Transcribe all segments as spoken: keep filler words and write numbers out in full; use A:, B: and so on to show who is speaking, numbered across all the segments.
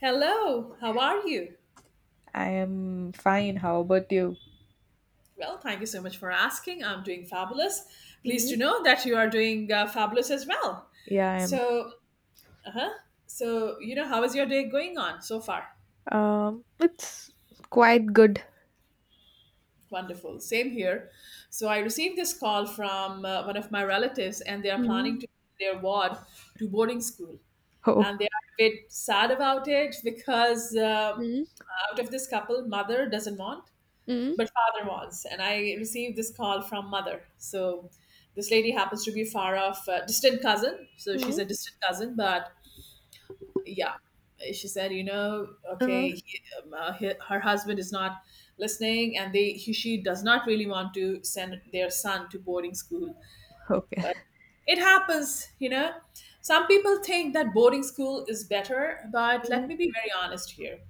A: Hello, how are you?
B: I am fine. How about you?
A: Well, thank you so much for asking. I'm doing fabulous. Pleased to
B: Hmm.
A: know that you are doing uh, fabulous as well.
B: Yeah, I'm.
A: So, uh-huh. So, you know, how is your day going on so far?
B: Um, it's quite good.
A: Wonderful. Same here. So, I received this call from uh, one of my relatives, and they are planning
B: Hmm.
A: to their ward to boarding school.
B: Oh.
A: And they are a bit sad about it because uh,
B: Hmm.
A: out of this couple, mother doesn't want,
B: Hmm.
A: but father was, and I received this call from mother. So this lady happens to be far off, uh, distant cousin. So she's
B: Hmm.
A: a distant cousin, but yeah, she said, you know
B: uh,
A: okay, he, um, uh, he, her husband is not listening, and they he, she does not really want to send their son to boarding school,
B: okay.
A: but it happens, you know. Some people think that boarding school is better, but let
B: Hmm.
A: me be very honest here.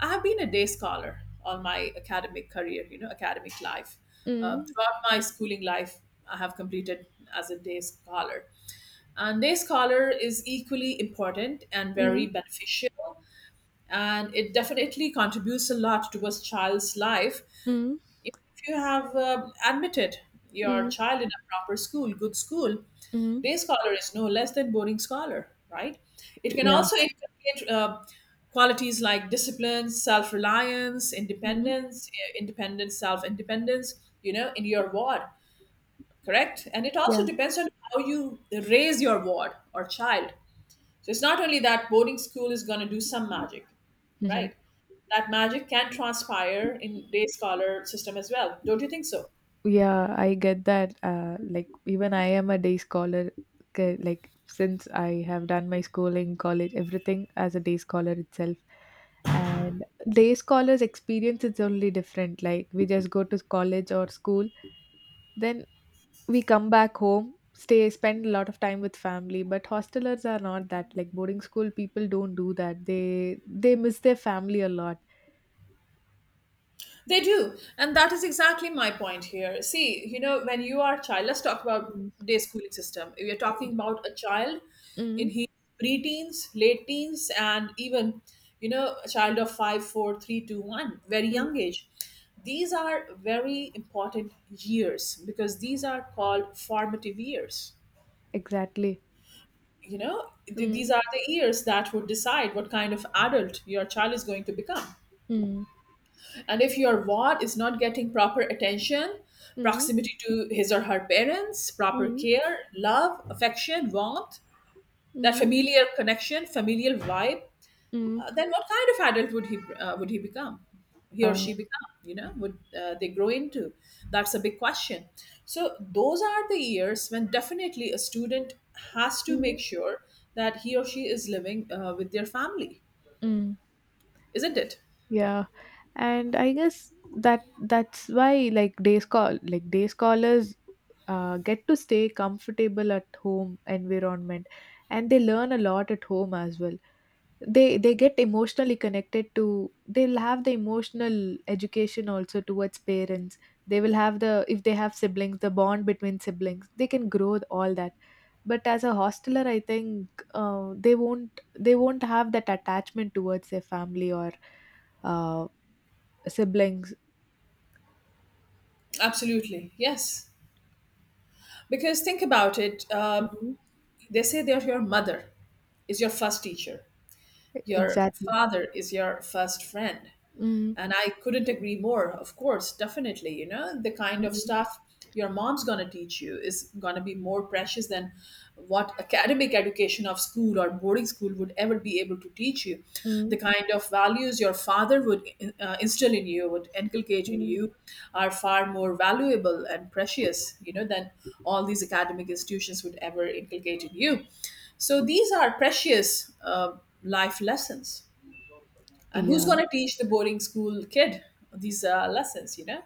A: I have been a day scholar all my academic career, you know, academic life. Uh,
B: Hmm.
A: throughout my schooling life, I have completed as a day scholar. And day scholar is equally important and
B: Hmm.
A: very beneficial, and it definitely contributes a lot towards child's life.
B: Hmm.
A: You have uh, admitted your
B: Hmm.
A: child in a proper school, good school.
B: Hmm.
A: Day scholar is no less than boarding scholar, right? It can
B: Yeah.
A: also inculcate uh, qualities like discipline, self reliance,
B: Hmm.
A: independence, eh, independence, self independence, you know, in your ward, correct? And it also
B: Yeah.
A: depends on how you raise your ward or child. So it's not only that boarding school is going to do some magic, right? That magic can transpire in day scholar system as well. Don't you think so?
B: Yeah, I get that. Uh, like even I am a day scholar. ca- Like since I have done my schooling, college, everything as a day scholar itself, and day scholars' experience is only different. Like we just go to college or school, then we come back home, stay, spend a lot of time with family. But hostelers are not that. Like boarding school people don't do that. They they miss their family a lot.
A: They do. And that is exactly my point here. See, you know, when you are a child, let's talk about
B: Mm,
A: day schooling system. We are talking
B: mm,
A: about a child in
B: mm,
A: his preteens, late teens, and even, you know, a child of five, four, three, two, one, very
B: mm.
A: young age. These are very important years because these are called formative years.
B: Exactly.
A: You know, th-
B: Mm,
A: these are the years that would decide what kind of adult your child is going to become.
B: mm,
A: And if your ward is not getting proper attention,
B: mm,
A: proximity to his or her parents, proper
B: mm.
A: care, love, affection, warmth, that
B: Mm,
A: familiar connection, familial vibe,
B: mm.
A: uh, then what kind of adult would he uh, would he become? He or she
B: Oh.
A: become? You know, would uh, they grow into? That's a big question. So those are the years when definitely a student has to
B: Mm,
A: make sure that he or she is living uh, with their family,
B: mm.
A: isn't it?
B: Yeah. And I guess that that's why, like day school, like day scholars uh, get to stay comfortable at home environment, and they learn a lot at home as well. They they get emotionally connected to. They'll have the emotional education also towards parents. They will have, the if they have siblings, the bond between siblings, they can grow all that. But as a hosteler I think uh, they won't they won't have that attachment towards their family or uh, siblings.
A: Absolutely, yes. Because think about it, uh,
B: Mhm.
A: they say that your mother is your first teacher,
B: E
A: your
B: Exactly.
A: father is your first friend,
B: Mm,
A: and I couldn't agree more. Of course, definitely. You know, the kind of
B: mm,
A: stuff your mom's going to teach you is going to be more precious than what academic education of school or boarding school would ever be able to teach you. The
B: mm,
A: kind of values your father would uh, instill in you, would inculcate in
B: mm.
A: you, are far more valuable and precious, you know, than all these academic institutions would ever inculcate in you. So these are precious uh, life lessons, and who's
B: Yeah.
A: going to teach the boarding school kid these uh, lessons, you know,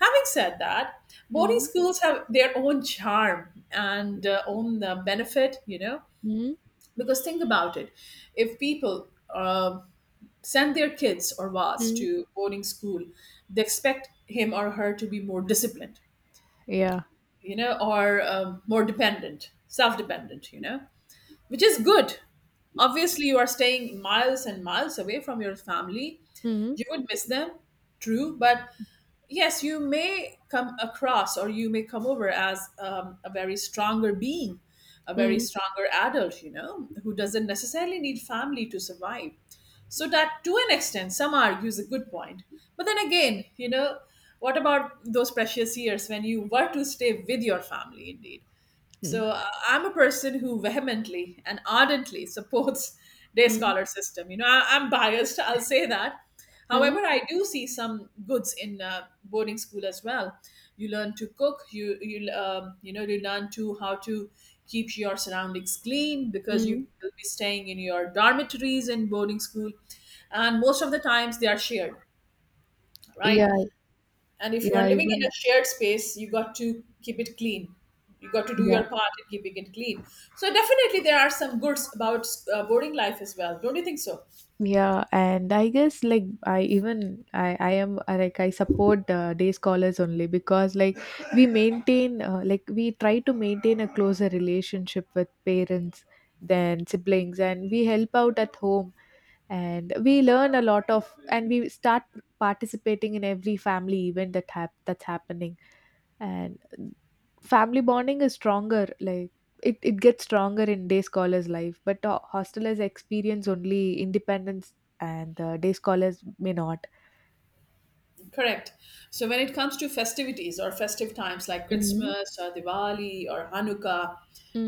A: having said that, boarding
B: Mm,
A: schools have their own charm and uh, own uh, benefit, you know,
B: mm,
A: because think about it, if people uh, send their kids or was
B: mm.
A: to boarding school, they expect him or her to be more disciplined,
B: Yeah.
A: you know, or um, more dependent, self-dependent, you know, which is good. Obviously, you are staying miles and miles away from your family.
B: Mm,
A: You would miss them, true, but yes, you may come across or you may come over as um, a very stronger being, a very
B: mm,
A: stronger adult, you know, who doesn't necessarily need family to survive. So, that to an extent, some argue is a good point. But then again, you know, what about those precious years when you were to stay with your family, indeed?
B: mm,
A: So uh, I'm a person who vehemently and ardently supports day
B: mm,
A: scholar system. You know, I, I'm biased. I'll say that. However,
B: mm,
A: I do see some goods in uh, boarding school as well. You learn to cook. You you um, you know you learn to how to keep your surroundings clean because you
B: mm.
A: will be staying in your dormitories in boarding school, and most of the times they are shared,
B: Yeah,
A: right? And if you are
B: yeah,
A: living in
B: even
A: a shared space, you got to keep it clean. You got to do
B: yeah.
A: your part in keeping it clean. So definitely there are some goods about uh, boarding life as well. Don't you think so?
B: Yeah, and I guess like I even I I am uh, like I support uh, day scholars only because like we maintain uh, like we try to maintain a closer relationship with parents than siblings, and we help out at home, and we learn a lot of and we start participating in every family event that hap- that's happening, and family bonding is stronger. Like it, it gets stronger in day scholars life, but uh, hostelers experience only independence, and uh, day scholars may not.
A: Correct. So when it comes to festivities or festive times like
B: Mm.
A: Christmas or Diwali or Hanukkah,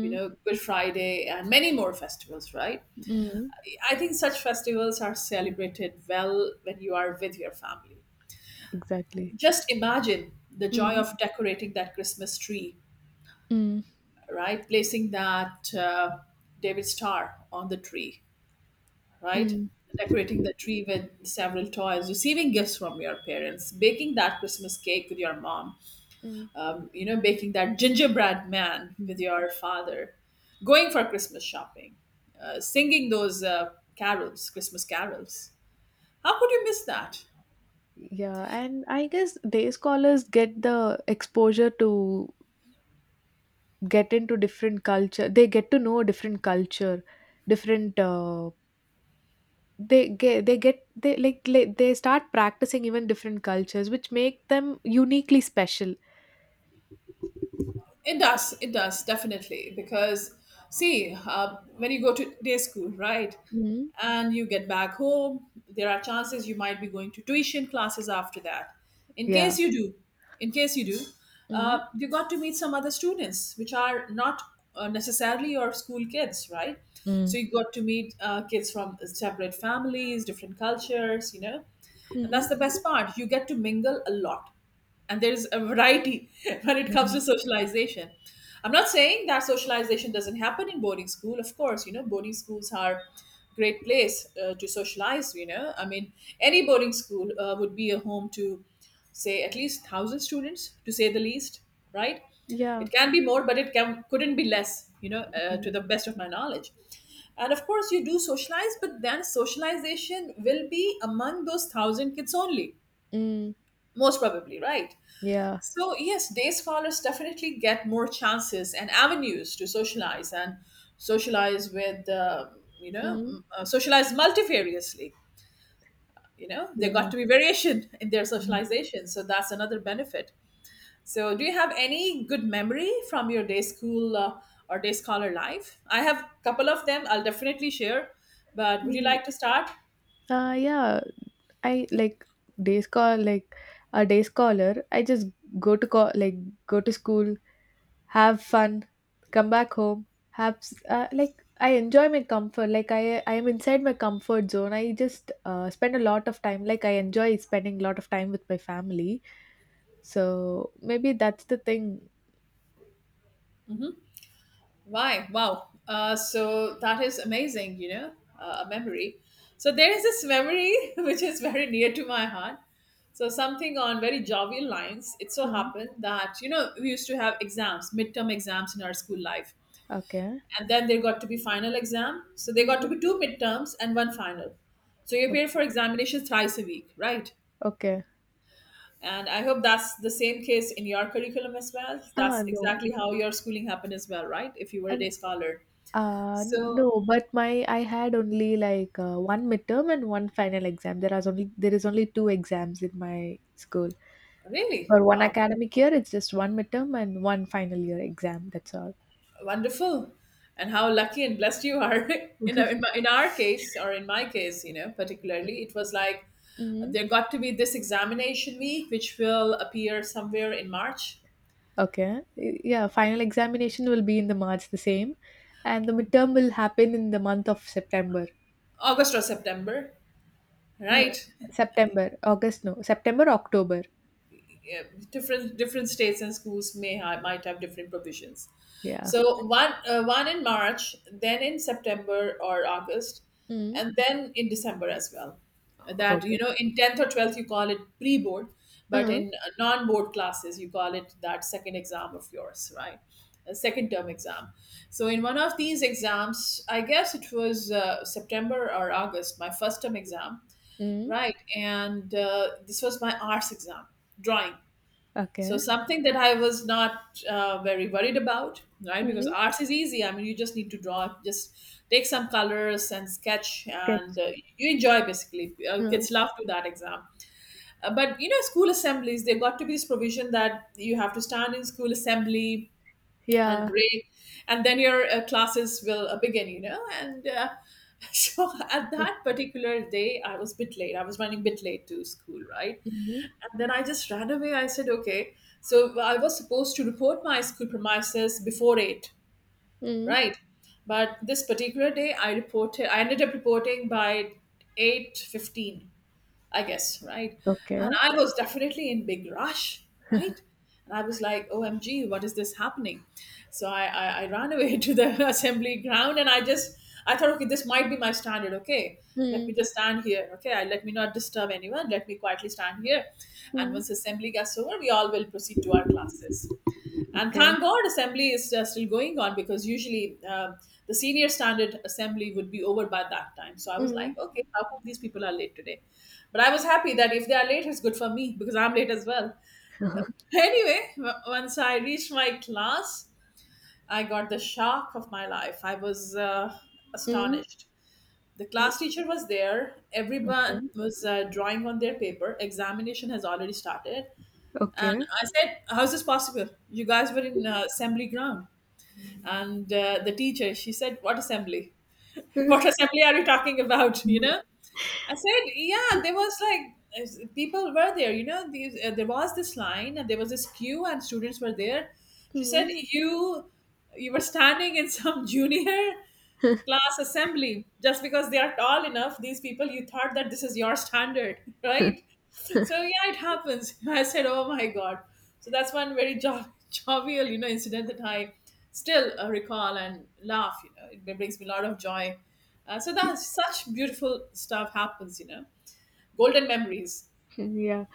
A: you know, Good Friday and many more festivals, right?
B: Mm.
A: I think such festivals are celebrated well when you are with your family.
B: Exactly.
A: Just imagine the joy
B: Mm.
A: of decorating that Christmas tree,
B: Mm.
A: right? Placing that uh, David star on the tree, right?
B: Mm.
A: Decorating the tree with several toys, receiving gifts from your parents, baking that Christmas cake with your mom,
B: Mm.
A: um, you know, baking that gingerbread man with
B: Mm.
A: your father, going for Christmas shopping, uh, singing those uh, carols, Christmas carols. How could you miss that?
B: Yeah, and I guess day scholars get the exposure to get into different culture. They get to know different culture, different uh, they get they get they like, like they start practicing even different cultures which make them uniquely special.
A: It does. It does definitely because see, uh, when you go to day school, right,
B: Mm.
A: and you get back home, there are chances you might be going to tuition classes after that. In
B: Yeah.
A: case you do, in case you do,
B: Mm.
A: uh, you got to meet some other students which are not uh, necessarily your school kids, right? So
B: Mm.
A: you got to meet uh, kids from separate families, different cultures, you know, and that's
B: Mm.
A: the best part. You get to mingle a lot and there is a variety when it comes to
B: Mm.
A: socialization. I'm not saying that socialization doesn't happen in boarding school. Of course, you know, boarding schools are great place uh, to socialize, you know. I mean, any boarding school uh, would be a home to, say, at least one thousand students, to say the least, right?
B: Yeah.
A: It can be more, but it can, couldn't be less, you know, uh,
B: Mm.
A: to the best of my knowledge. And of course, you do socialize, but then socialization will be among those one thousand kids only,
B: Mm.
A: most probably, right?
B: Yeah.
A: So, yes, day scholars definitely get more chances and avenues to socialize and socialize with, uh, you know,
B: Mm.
A: m- uh, socialize multifariously. You know, they got
B: Yeah.
A: to be variation in their
B: Mm.
A: socialization. So, that's another benefit. So, do you have any good memory from your day school uh, or day scholar life? I have a couple of them I'll definitely share, but would you
B: Mm.
A: like to start?
B: Uh yeah, I like day scholar, like a day scholar. I just go to co- like go to school, have fun, come back home, have s- uh, like I enjoy my comfort. Like I I am inside my comfort zone. I just uh, spend a lot of time. Like I enjoy spending a lot of time with my family. So maybe that's the thing.
A: Why? Wow. Uh, so that is amazing, you know, uh, a memory. So there is this memory which is very near to my heart. So something on very jovial lines. It so
B: Mm.
A: happened that, you know, we used to have exams, midterm exams in our school life.
B: Okay.
A: And then there got to be final exam. So there got to
B: Mm.
A: be two midterms and one final. So you appear for
B: Okay.
A: examination thrice a week, right?
B: Okay.
A: And I hope that's the same case in your curriculum as well. That's
B: Ah, no.
A: exactly how your schooling happened as well, right? If you were a
B: And
A: day scholar.
B: uh
A: So.
B: no, but my I had only like uh, one midterm and one final exam. There are only, there is only two exams in my school.
A: Really?
B: Or one
A: Wow.
B: academic year, it's just one midterm and one final year exam. That's all.
A: Wonderful. And how lucky and blessed you are. in, in, my, in our case, or in my case, you know, particularly, it was like
B: Hmm.
A: there got to be this examination week, which will appear somewhere in March,
B: Okay. Y- Yeah, final examination will be in the March the same, and the midterm will happen in the month of September.
A: August, or September,
B: No,
A: right?
B: September, August, no, September, October.
A: Yeah, different different states and schools may have, might have different provisions.
B: Yeah.
A: So one uh, one in March, then in September or August,
B: Mm.
A: and then in December as well. That you
B: Okay.
A: know, in tenth or twelfth you call it pre-board, but
B: Uh,
A: in uh, non-board classes you call it that second exam of yours, right? A second term exam. So in one of these exams, I guess it was uh, September or August, my first term exam,
B: mm.
A: right? And uh, this was my arts exam, drawing, so
B: Okay.
A: something that I was not uh, very worried about, right? Because
B: Mm.
A: arts is easy. I mean, you just need to draw, just take some colors and sketch, and
B: Sketch.
A: uh, you enjoy basically. Uh,
B: Uh,
A: kids love to that exam. Uh, but you know, school assemblies, they've got to be this provision that you have to stand in school assembly and
B: yeah.
A: break, and then your uh, classes will uh, begin. You know, and uh, so at that particular day, I was a bit late. I was running a bit late to school, right?
B: Mm.
A: And then I just ran away. I said, okay. So well, I was supposed to report my school premises before eight,
B: Mm.
A: right? But this particular day, I reported, I ended up reporting by eight fifteen. I guess, right?
B: Okay.
A: And I was definitely in big rush, right? And I was like, O M G, what is this happening? So I, I, I ran away to the assembly ground and I just, I thought, okay, this might be my standard. Okay, let me
B: Mm.
A: just stand here. Okay, I, let me not disturb anyone. Let me quietly stand here. And once
B: Mm.
A: assembly gets over, we all will proceed to our classes, and
B: Okay.
A: thank god assembly is uh, still going on because usually um, the senior standard assembly would be over by that time. So I was like,
B: Mm.
A: okay, how come these people are late today? But I was happy that if they are late, it's good for me because I'm late as well. Anyway, w- once I reached my class, I got the shock of my life. I was uh,
B: Mm.
A: astonished. The class teacher was there. Everyone
B: Okay.
A: was uh, drawing on their paper. Examination has already started. And
B: Okay.
A: I said, how's this possible? You guys were in uh, assembly ground. And uh, the teacher, she said, what assembly? What assembly are you talking about? you know I said, yeah, there was like people were there, you know these, uh, there was this line and there was this queue and students were there. She said,
B: Mm.
A: you you were standing in some junior class assembly just because they are tall enough, these people, you thought that this is your standard, right? So yeah, it happens. I said, oh my god. So that's one very jo- jovial, you know incident that I still uh, recall and laugh, you know it brings me a lot of joy. Uh, so that's such beautiful stuff happens you know Golden memories.
B: Yeah.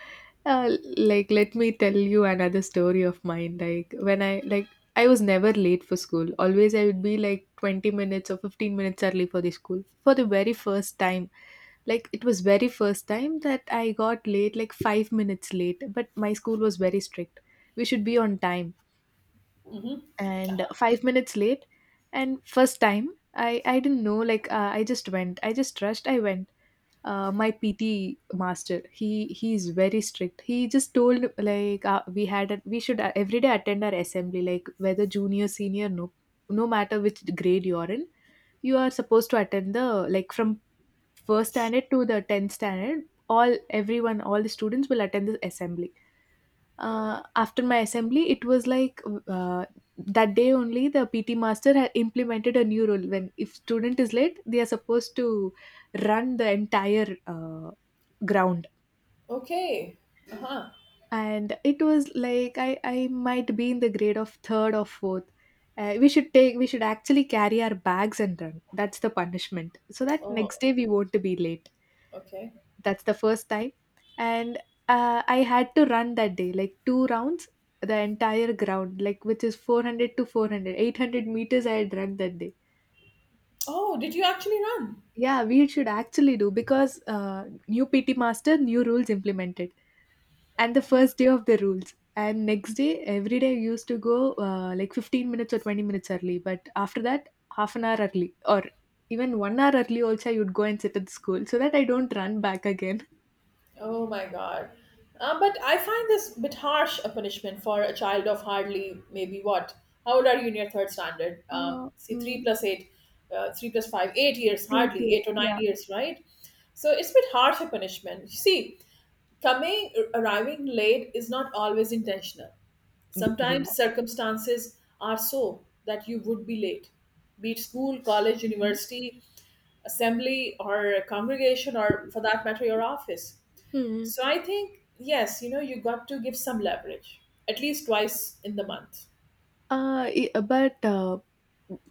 B: Uh, like let me tell you another story of mine. Like when I, like I was never late for school. Always I would be like twenty minutes or fifteen minutes early for the school. For the very first time, like it was very first time that I got late like five minutes late, but my school was very strict. We should be on time. And five minutes late, and first time I I didn't know like uh, I just went. I just rushed. I went uh, my P T master. He he is very strict. He just told like uh, we had a, we should uh, every day attend our assembly, like whether junior, senior, no, no matter which grade you are in, you are supposed to attend the, like from first standard to the tenth standard. All everyone, all the students will attend this assembly. Uh, after my assembly, it was like uh, that day only the P T master had implemented a new rule. When if student is late, they are supposed to run the entire uh, ground,
A: Okay. Uh-huh.
B: and it was like i i might be in the grade of third or fourth. Uh, we should take, we should actually carry our bags and run. That's the punishment so that
A: Oh.
B: next day we won't be late.
A: Okay.
B: That's the first time. And uh, I had to run that day like two rounds, the entire ground, like which is four hundred to four hundred eight hundred meters I had run that day.
A: Oh, did you actually run?
B: Yeah, we should actually do because uh, new PT master, new rules implemented, and the first day of the rules. And next day, every day I used to go uh, like fifteen minutes or twenty minutes early, but after that half an hour early or even one hour early, also I would go and sit at the school so that I don't run back again.
A: Oh my God. Uh, but I find this bit harsh a punishment for a child of hardly maybe what? How old are you in your third standard?
B: Uh,
A: Um, see,
B: mm,
A: three plus eight, uh, three plus five, eight years
B: eight
A: hardly, eight
B: years,
A: or nine
B: yeah.
A: years, right? So it's a bit harsh a punishment. You see, coming arriving late is not always intentional.
B: Mm, yeah.
A: Sometimes circumstances are so that you would be late, be it school, college,
B: Mhm.
A: university, assembly, or congregation, or for that matter, your office.
B: Mm.
A: So I think, yes, you know, you got to give some leverage at least twice in the month.
B: Uh, i- but uh,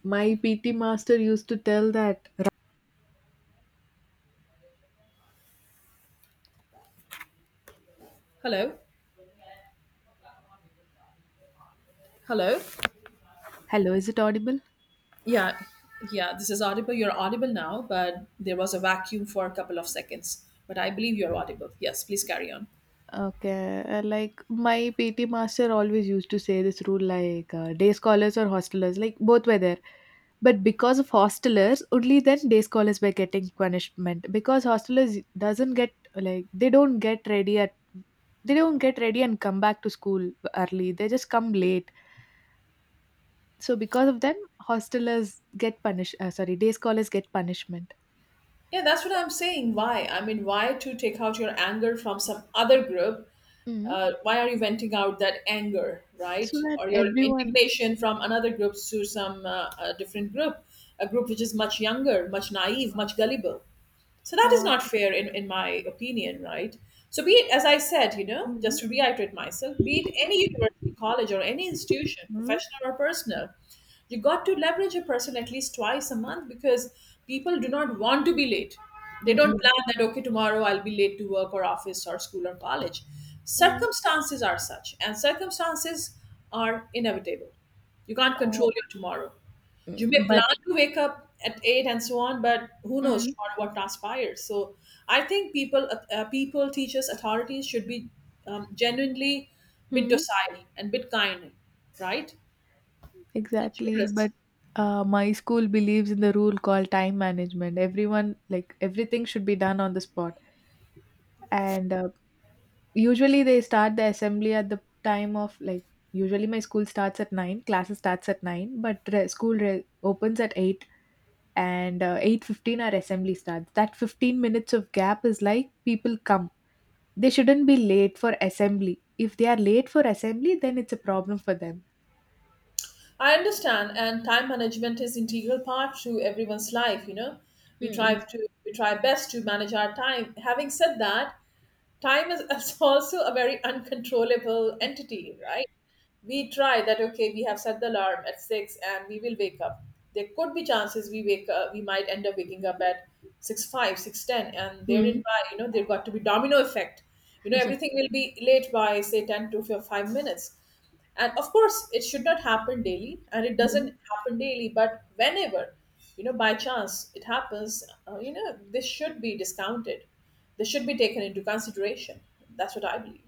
B: my P T master used to tell that,
A: Hello? Hello?
B: hello, is it audible?
A: Yeah. Yeah, this is audible. You're audible now, but there was a vacuum for a couple of seconds. But I believe you're audible. Yes, please carry on.
B: Okay, uh, like my P T master always used to say this rule, like uh, day scholars or hostelers, like both were there. But because of hostelers, only then day scholars were getting punishment because hostelers doesn't get like they don't get ready at, they don't get ready and come back to school early. They just come late. So because of them, hostelers get punished. Uh, sorry, day scholars get punishment.
A: Yeah, that's what I'm saying. Why? I mean, why to take out your anger from some other group?
B: Mm.
A: Uh, why are you venting out that anger,
B: So
A: right?
B: that
A: Or your
B: everyone.
A: indignation from another group to some uh, uh different group, a group which is much younger, much naive, much gullible? So that is
B: Uh,
A: not fair, in, in my opinion, right? So, be it, as I said, you know, just to
B: mm,
A: reiterate myself, be it any university, college, or any institution,
B: mm,
A: professional or personal, you got to leverage a person at least twice a month because people do not want to be late. They
B: mm,
A: don't
B: mm,
A: plan that, okay, tomorrow I'll be late to work or office or school or college.
B: mm.
A: Circumstances are such, and circumstances are inevitable. You can't
B: Uh,
A: control your tomorrow. You
B: mm,
A: may
B: by.
A: plan to wake up at eight and so on, but who knows
B: Mm.
A: what what transpires. So I think people, uh, uh, people, teachers, authorities should be um, genuinely bit
B: Mm.
A: docile and bit kind, right? And
B: Exactly.
A: generous.
B: But uh, my school believes in the rule called time management. Everyone, like, everything should be done on the spot. And uh, usually they start the assembly at the time of, like, usually my school starts at nine, classes starts at nine, but re- school re- opens at eight, and uh, eight fifteen our assembly starts. That fifteen minutes of gap is like people come. They shouldn't be late for assembly. If they are late for assembly, then it's a problem for them.
A: I understand, and time management is integral part to everyone's life. You know, we try
B: Mm.
A: to we try best to manage our time. Having said that, time is is also a very uncontrollable entity, right? We try that, okay, we have set the alarm at six and we will wake up. There could be chances we wake up. We might end up waking up at six five, six ten, and
B: Hmm.
A: therein by, you know there got to be domino effect. You know everything will be late by say ten to fi- five minutes. And of course it should not happen daily and it doesn't happen daily, but whenever you know by chance it happens, uh, you know this should be discounted. This should be taken into consideration. That's what I believe.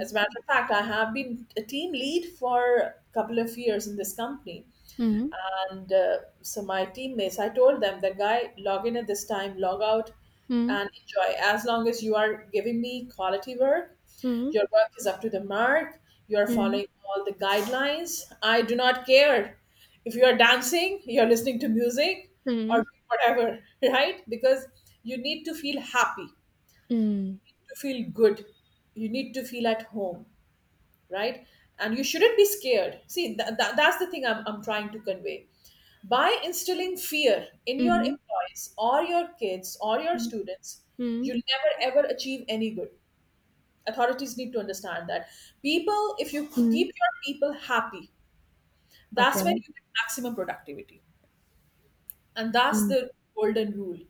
A: As a matter of fact, I have been a team lead for a couple of years in this company.
B: Mhm,
A: And uh, so my teammates, I told them that, guy, log in at this time, log out
B: mhm,
A: and enjoy. As long as you are giving me quality work,
B: mhm,
A: your work is up to the mark, you are
B: mhm,
A: following all the guidelines. I do not care if you are dancing, you're listening to music, or
B: mhm,
A: whatever, right? Because you need to feel happy,
B: mhm,
A: to feel good, you need to feel at home, right? And you shouldn't be scared. See, th- th- that's the thing I'm, I'm trying to convey. By instilling fear in your
B: mhm,
A: employees or your kids or your
B: mhm,
A: students,
B: mhm,
A: you'll never ever achieve any good. Authorities need to understand that. People, if you keep
B: mhm.
A: your people happy, that's when you
B: Okay.
A: get maximum productivity. And that's
B: Mhm,
A: the golden rule.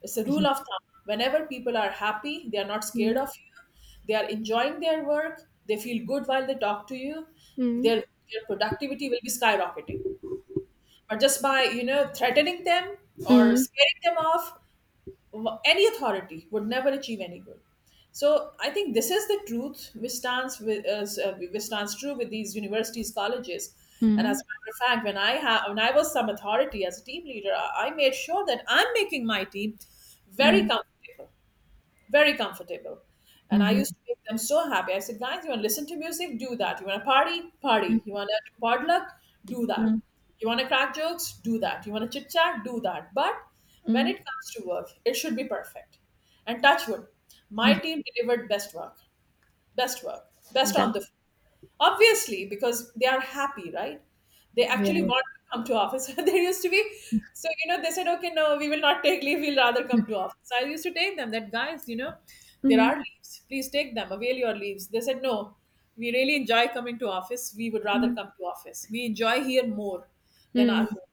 A: It's a rule of thumb. Whenever people are happy, they are not scared
B: mhm,
A: of you, they are enjoying their work, they feel good while they talk to you,
B: mhm,
A: their, their productivity will be skyrocketing. But just by, you know, threatening them or
B: mhm,
A: scaring them off, wh- any authority would never achieve any good. So I think this is the truth which stands with uh, s- uh, which stands true with these universities, colleges. And as a
B: mhm,
A: matter of fact, when I have when I was some authority as a team leader, I I made sure that I'm making my team very
B: mhm,
A: comfortable, very comfortable. And I
B: mhm,
A: used to make them so happy. I said, guys, you want to listen to music? Do that. You want to party? Party. You
B: mhm,
A: want to potluck? Do that.
B: mhm,
A: You want to crack jokes? Do that. You want to chit chat? Do that. But when
B: mhm.
A: it comes to work, it should be perfect. And touch wood, my team delivered best work, best work, best on
B: That
A: the obviously because they are happy, right? They actually
B: yes.
A: want to come to office. There used to be. So you know they said, okay, no, we will not take leave. We'll rather come to office. I used to take them that, guys, you know there are
B: Mhm,
A: leaves, please take them, avail your leaves. They said, no, we really enjoy coming to office, we would rather
B: mhm,
A: come to office, we enjoy here more than our
B: mhm,
A: home.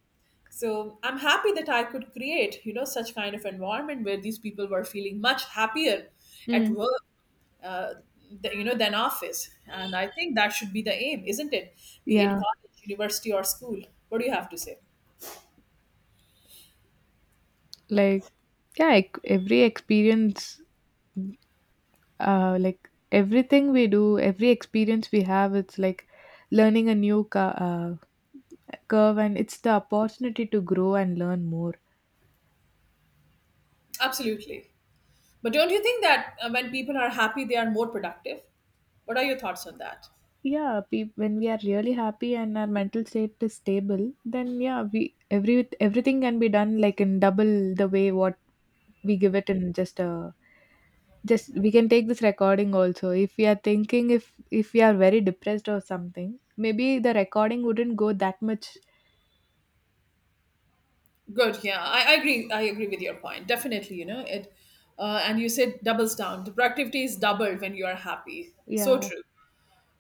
A: So I'm happy that I could create, you know such kind of environment where these people were feeling much happier at
B: mhm.
A: work uh, the, you know than office. And I think that should be the aim, isn't it? Be it
B: Yeah,
A: college, university, or school. What do you have to say?
B: like yeah, ec- every experience, uh, like everything we do, every experience we have, it's like learning a new cu- uh, curve, and it's the opportunity to grow and learn more.
A: Absolutely. But don't you think that uh, when people are happy they are more productive? What are your thoughts on that?
B: Yeah, pe- when we are really happy and our mental state is stable, then yeah we every everything can be done like in double the way what we give it in. Just a, just we can take this recording also. If we are thinking if if we are very depressed or something, maybe the recording wouldn't go that much.
A: Good. Yeah, I, I agree. I agree with your point. Definitely, you know it. Uh, and you said doubles down. The productivity is doubled when you are happy. So
B: Yeah.
A: true.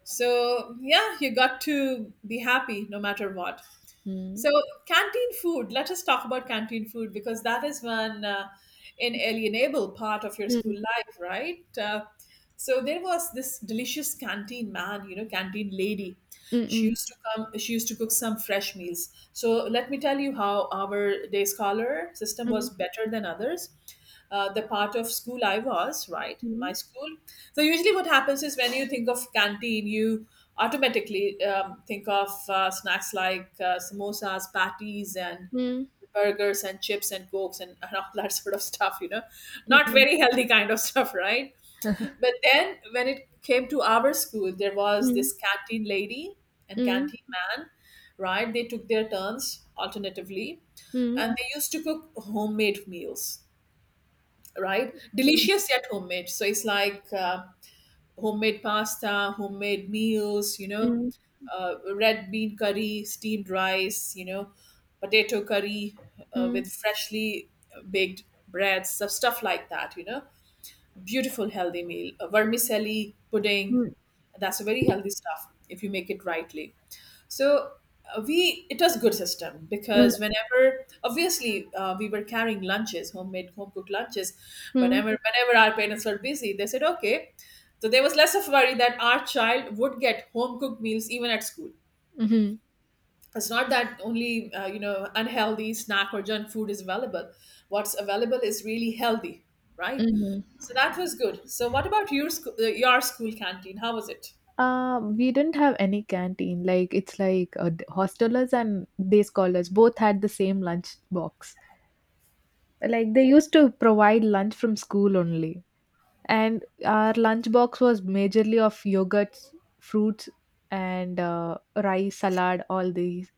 A: So yeah, you got to be happy no matter what. So,
B: Mm.
A: canteen food, let us talk about canteen food because that is one uh, inalienable part of your
B: Mm,
A: school life, right? Uh, so, there was this delicious canteen man, you know, canteen lady. She
B: mm,
A: used to come, she used to cook some fresh meals. So, let me tell you how our day scholar system was
B: mm,
A: better than others, uh, the part of school I was, right? My
B: mm,
A: school. So usually, what happens is when you think of canteen, you automatically um, think of uh, snacks like uh, samosas, patties, and
B: mm,
A: burgers and chips and cokes and, and all that sort of stuff. You know, not
B: mm,
A: very healthy kind of stuff, right? But then when it came to our school, there was
B: mm,
A: this canteen lady and
B: mm,
A: canteen man, right? They took their turns alternatively,
B: mm, mm,
A: and they used to cook homemade meals, right? Delicious yet homemade. So it's like uh, homemade pasta, homemade meals, you
B: mm,
A: know,
B: mm,
A: uh, red bean curry, steamed rice, you know, potato curry uh, with freshly baked breads, so stuff like that, you know, beautiful healthy meal, a vermicelli pudding.
B: mm,
A: That's a very healthy stuff if you make it rightly. So uh, we it was good system
B: mm,
A: because whenever obviously uh, we were carrying lunches, homemade home cooked lunches, but
B: mm,
A: whenever, whenever our parents were busy, they said okay. So there was less of worry that our child would get home cooked meals even at school.
B: mm, mm,
A: It's not that only uh, you know, unhealthy snack or junk food is available. What's available is really healthy,
B: mm,
A: right?
B: mm.
A: So that was good. So what about your school, uh, your school canteen, how was it?
B: Um, we didn't have any canteen. Like it's like uh, the hostelers and day scholars both had the same lunch box. Like they used to provide lunch from school only, and our lunch box was majorly of yogurts, fruits, and uh, rice salad. All these.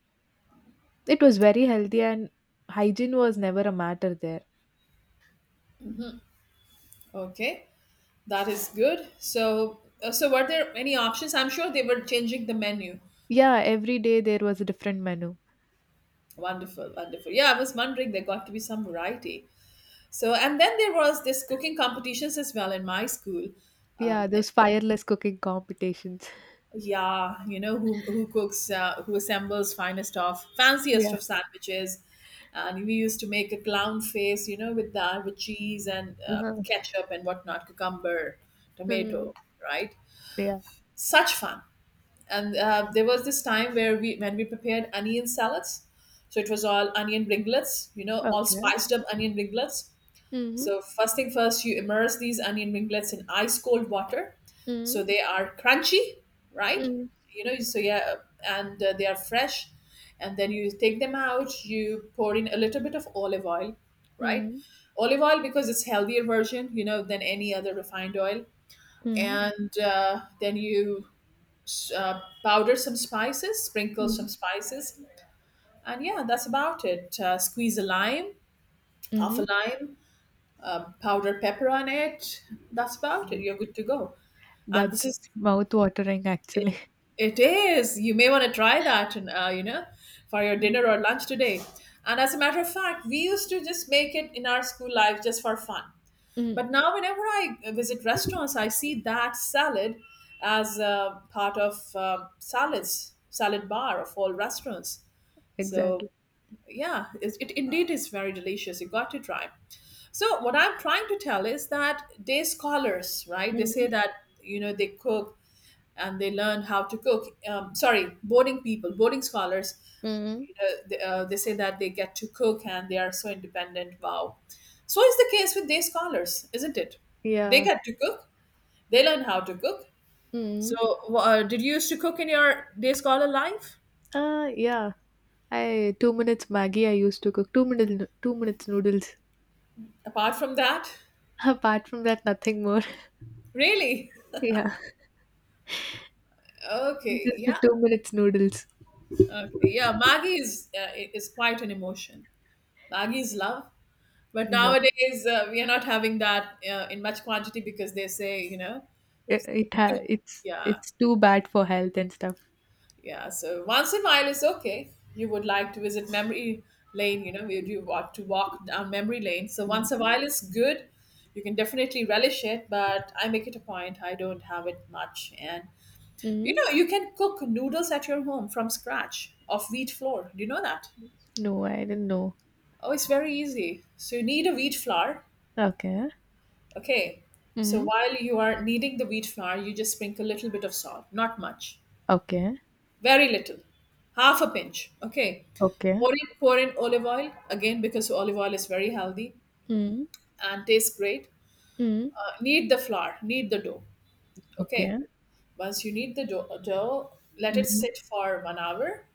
B: It was very healthy, and hygiene was never a matter there.
A: Okay, that is good. So uh, so were there any options? I'm sure they were changing the menu.
B: Yeah, every day there was a different menu.
A: Wonderful, wonderful. Yeah, I was wondering, there got to be some variety. So and then there was this cooking competitions as well in my school,
B: Yeah,
A: um, and
B: those fireless cooking competitions.
A: yeah, you know, who who cooks, uh, who assembles finest of fanciest
B: Yeah.
A: of sandwiches, and we used to make a clown face, you know, with that, with cheese and um,
B: Uh-huh.
A: ketchup and whatnot, cucumber, tomato,
B: Mm.
A: right?
B: Yeah.
A: Such fun. And uh, there was this time where we when we prepared onion salads, so it was all onion ringlets, you know, all
B: Okay.
A: spiced up onion ringlets.
B: Mm-hmm.
A: So first thing first, you immerse these onion ringlets in ice cold water, so
B: Mm,
A: they are crunchy, right?
B: mm,
A: You know, so yeah, and uh, they are fresh. And then you take them out. You pour in a little bit of olive oil, right?
B: mm,
A: Olive oil, because it's healthier version, you know, than any other refined oil.
B: mm,
A: And uh, then you uh, powder some spices, sprinkle some spices, and yeah, that's about it. Uh, squeeze a lime, half a
B: mm,
A: lime, um, powdered pepper on it. That's about it.
B: mm.
A: You're good to go. And this is
B: That's mouth-watering,
A: it.
B: actually.
A: It is. You may want to try that, and uh, you know, for your
B: Mm,
A: dinner or lunch today. And as a matter of fact, we used to just make it in our school life just for fun.
B: mm.
A: But now, whenever I visit restaurants, I see that salad as a part of uh, salads, salad bar of all restaurants. So
B: Exactly.
A: yeah, it, it indeed is very delicious. You got it right. So what I'm trying to tell is that day scholars, right, they say
B: Mm,
A: that, you know, they cook and they learn how to cook. Um, sorry, boarding people, boarding scholars,
B: mm,
A: you know, they, uh, they say that they get to cook and they are so independent, wow. So is the case with day scholars, isn't it? They
B: yeah.
A: get to cook, they learn how to cook. So
B: Mm.
A: uh, did you used to cook in your day scholar life?
B: Uh, yeah. I two minutes Maggie I used to cook. Two minutes two minutes noodles.
A: Apart from that,
B: Apart from that, nothing more.
A: really?
B: Yeah.
A: Okay,
B: Just the
A: yeah.
B: two minutes noodles.
A: Okay, yeah, Maggie is uh, i- is quite an emotion. Maggie is love, but
B: Yeah.
A: nowadays uh, we are not having that uh, in much quantity because they say, you know,
B: It,
A: it's
B: it
A: too,
B: ha it's
A: yeah,
B: it's too bad for health and stuff.
A: yeah. So once in a while is okay. You would like to visit memory lane, you know, you do want to walk down memory lane. So
B: Mm.
A: once a while is good. You can definitely relish it, but I make it a point, I don't have it much. And you
B: Mm.
A: know, you can cook noodles at your home from scratch of wheat flour. Do you know that?
B: No, I didn't know.
A: Oh, it's very easy. So you need a wheat flour.
B: Okay.
A: Okay. So
B: Mm.
A: while you are kneading the wheat flour, you just sprinkle a little bit of salt, not much,
B: Okay.
A: very little, half a pinch. Okay.
B: Okay.
A: Pour in, pour in olive oil again because olive oil is very healthy
B: Mm.
A: and tastes great.
B: Mm.
A: Uh, knead the flour, knead the dough. Okay.
B: Okay.
A: Once you knead the dough, dough, let it
B: Mm.
A: sit for one hour.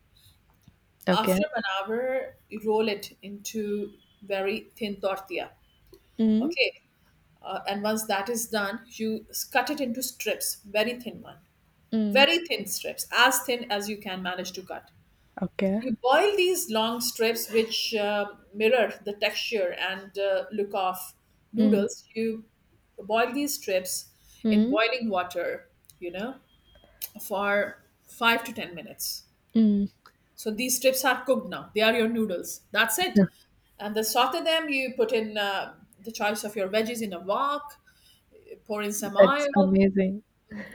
B: Okay.
A: After one hour, you roll it into very thin tortilla.
B: Mm.
A: Okay. Uh, and once that is done, you s- cut it into strips, very thin one,
B: Mm.
A: very thin strips, as thin as you can manage to cut.
B: Okay.
A: You boil these long strips, which uh, mirror the texture and uh, look of
B: Mm.
A: noodles. You boil these strips in
B: Mm.
A: boiling water, you know, for five to ten minutes.
B: Mm.
A: So these strips are cooked now. They are your noodles. That's it. And the saute them. You put in uh, the choice of your veggies in a wok, pour in some
B: That's
A: oil,
B: amazing.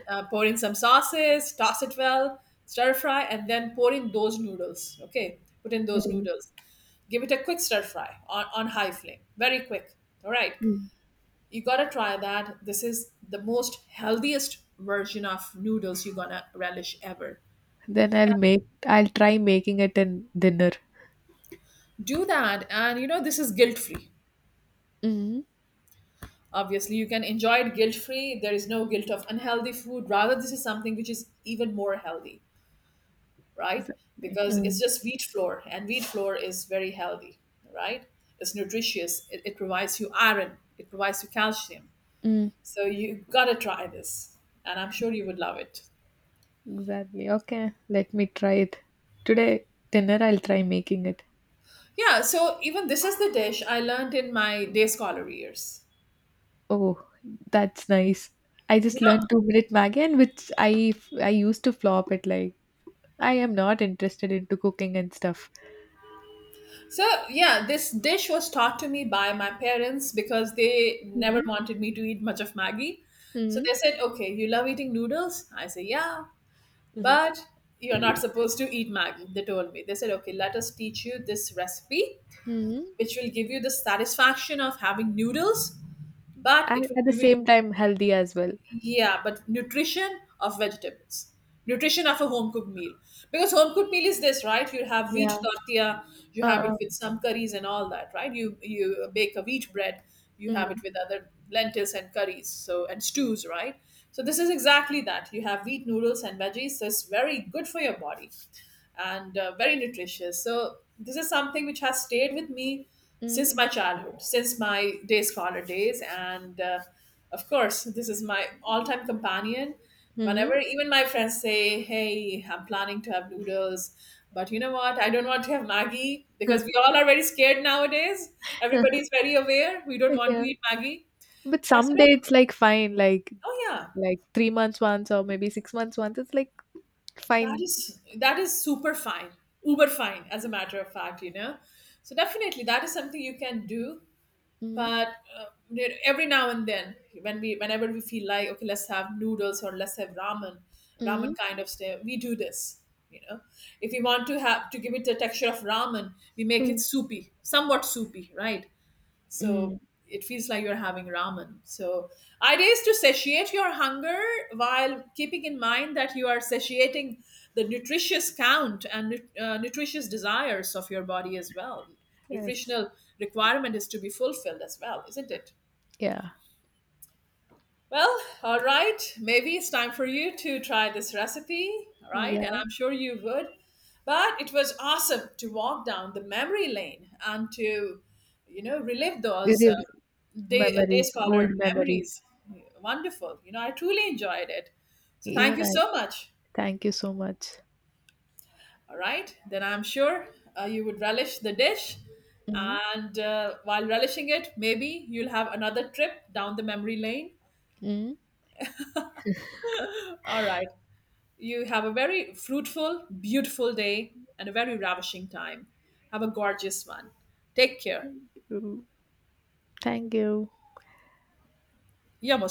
A: uh, pour in some sauces, toss it well, stir fry, and then pour in those noodles. Okay, put in those
B: Mm.
A: noodles. Give it a quick stir fry on, on high flame, very quick. All right,
B: Mm.
A: you gotta try that. This is the most healthiest version of noodles you're gonna relish ever.
B: Then I'll make I'll try making it in dinner.
A: Do that, and you know, this is guilt free.
B: Mm.
A: Obviously, you can enjoy it guilt free. There is no guilt of unhealthy food. Rather, this is something which is even more healthy, right?
B: Exactly.
A: Because it's
B: Mm.
A: just wheat flour, and wheat flour is very healthy, right? It's nutritious. It, it provides you iron. It provides you calcium.
B: Mm.
A: So you gotta try this, and I'm sure you would love it.
B: Exactly. Okay. Let me try it. Today dinner I'll try making it.
A: Yeah. So even this is the dish I learned in my day scholar years.
B: Oh, that's nice. I
A: You
B: just
A: know,
B: learned two minute Maggie and which I I used to flop it like I am not interested into cooking and stuff.
A: so yeah, this dish was taught to me by my parents because they never
B: Mm.
A: wanted me to eat much of Maggie. So
B: Hmm.
A: they said, okay, you love eating noodles? I say, yeah.
B: Mhm.
A: But you're not supposed to eat maggi, they told me. They said, okay, let us teach you this recipe,
B: Mhm.
A: which will give you the satisfaction of having noodles, but it
B: And
A: will
B: at the
A: give you,
B: same time, healthy as well.
A: yeah, but nutrition of vegetables, nutrition of a home cooked meal. Because home cooked meal is this, right? You have
B: Yeah.
A: wheat tortilla, you have it
B: Uh-uh.
A: with some curries and all that, right? You you bake a wheat bread, you have
B: Mm,
A: it with other lentils and curries, so and stews, right? So this is exactly that. You have wheat noodles and veggies. So it's very good for your body, and uh, very nutritious. So this is something which has stayed with me
B: mm,
A: since my childhood, since my day scholar days, and uh, of course, this is my all-time companion. Whenever
B: mm.
A: even my friends say, "Hey, I'm planning to have noodles," but you know what? I don't want to have Maggie because we all are very scared nowadays. Everybody is very aware. We don't want to
B: Yeah.
A: eat Maggie.
B: But
A: So I
B: some
A: said,
B: day
A: "Okay,
B: it's like fine, like
A: oh yeah,
B: like three months once or maybe six months once. It's like
A: that
B: fine.
A: is that is super fine, uber fine, as a matter of fact, you know." So definitely, that is something you can do,
B: Mm,
A: but uh, there- every now and then, when we whenever we feel like okay, let's have noodles or let's have ramen, ramen
B: mm.
A: kind of stuff, we do this, you know, if we want to have to give it the texture of ramen, we make it
B: Hmm.
A: soupy, somewhat soupy, right? So
B: Mm.
A: it feels like you're having ramen. So, ideas to satiate your hunger while keeping in mind that you are satiating the nutritious count and nu- uh, nutritious desires of your body as well.
B: Yes.
A: Nutritional requirement is to be fulfilled as well, isn't it?
B: Yeah.
A: Well, all right. Maybe it's time for you to try this recipe, all right? And
B: Yeah.
A: I'm sure you would. But it was awesome to walk down the memory lane and to, you know, relive those uh,
B: Real
A: day, uh, day
B: memories, old
A: scholar
B: memories.
A: memories. Wonderful. You know, I truly enjoyed it. So thank
B: Even
A: you
B: I.
A: so much.
B: Thank you so much.
A: All right. Then I'm sure uh, you would relish the dish.
B: Mm,
A: And uh, while relishing it, maybe you'll have another trip down the memory lane.
B: mm.
A: All right. You have a very fruitful, beautiful day and a very ravishing time. Have a gorgeous one. Take care.
B: Thank you.
A: Yamos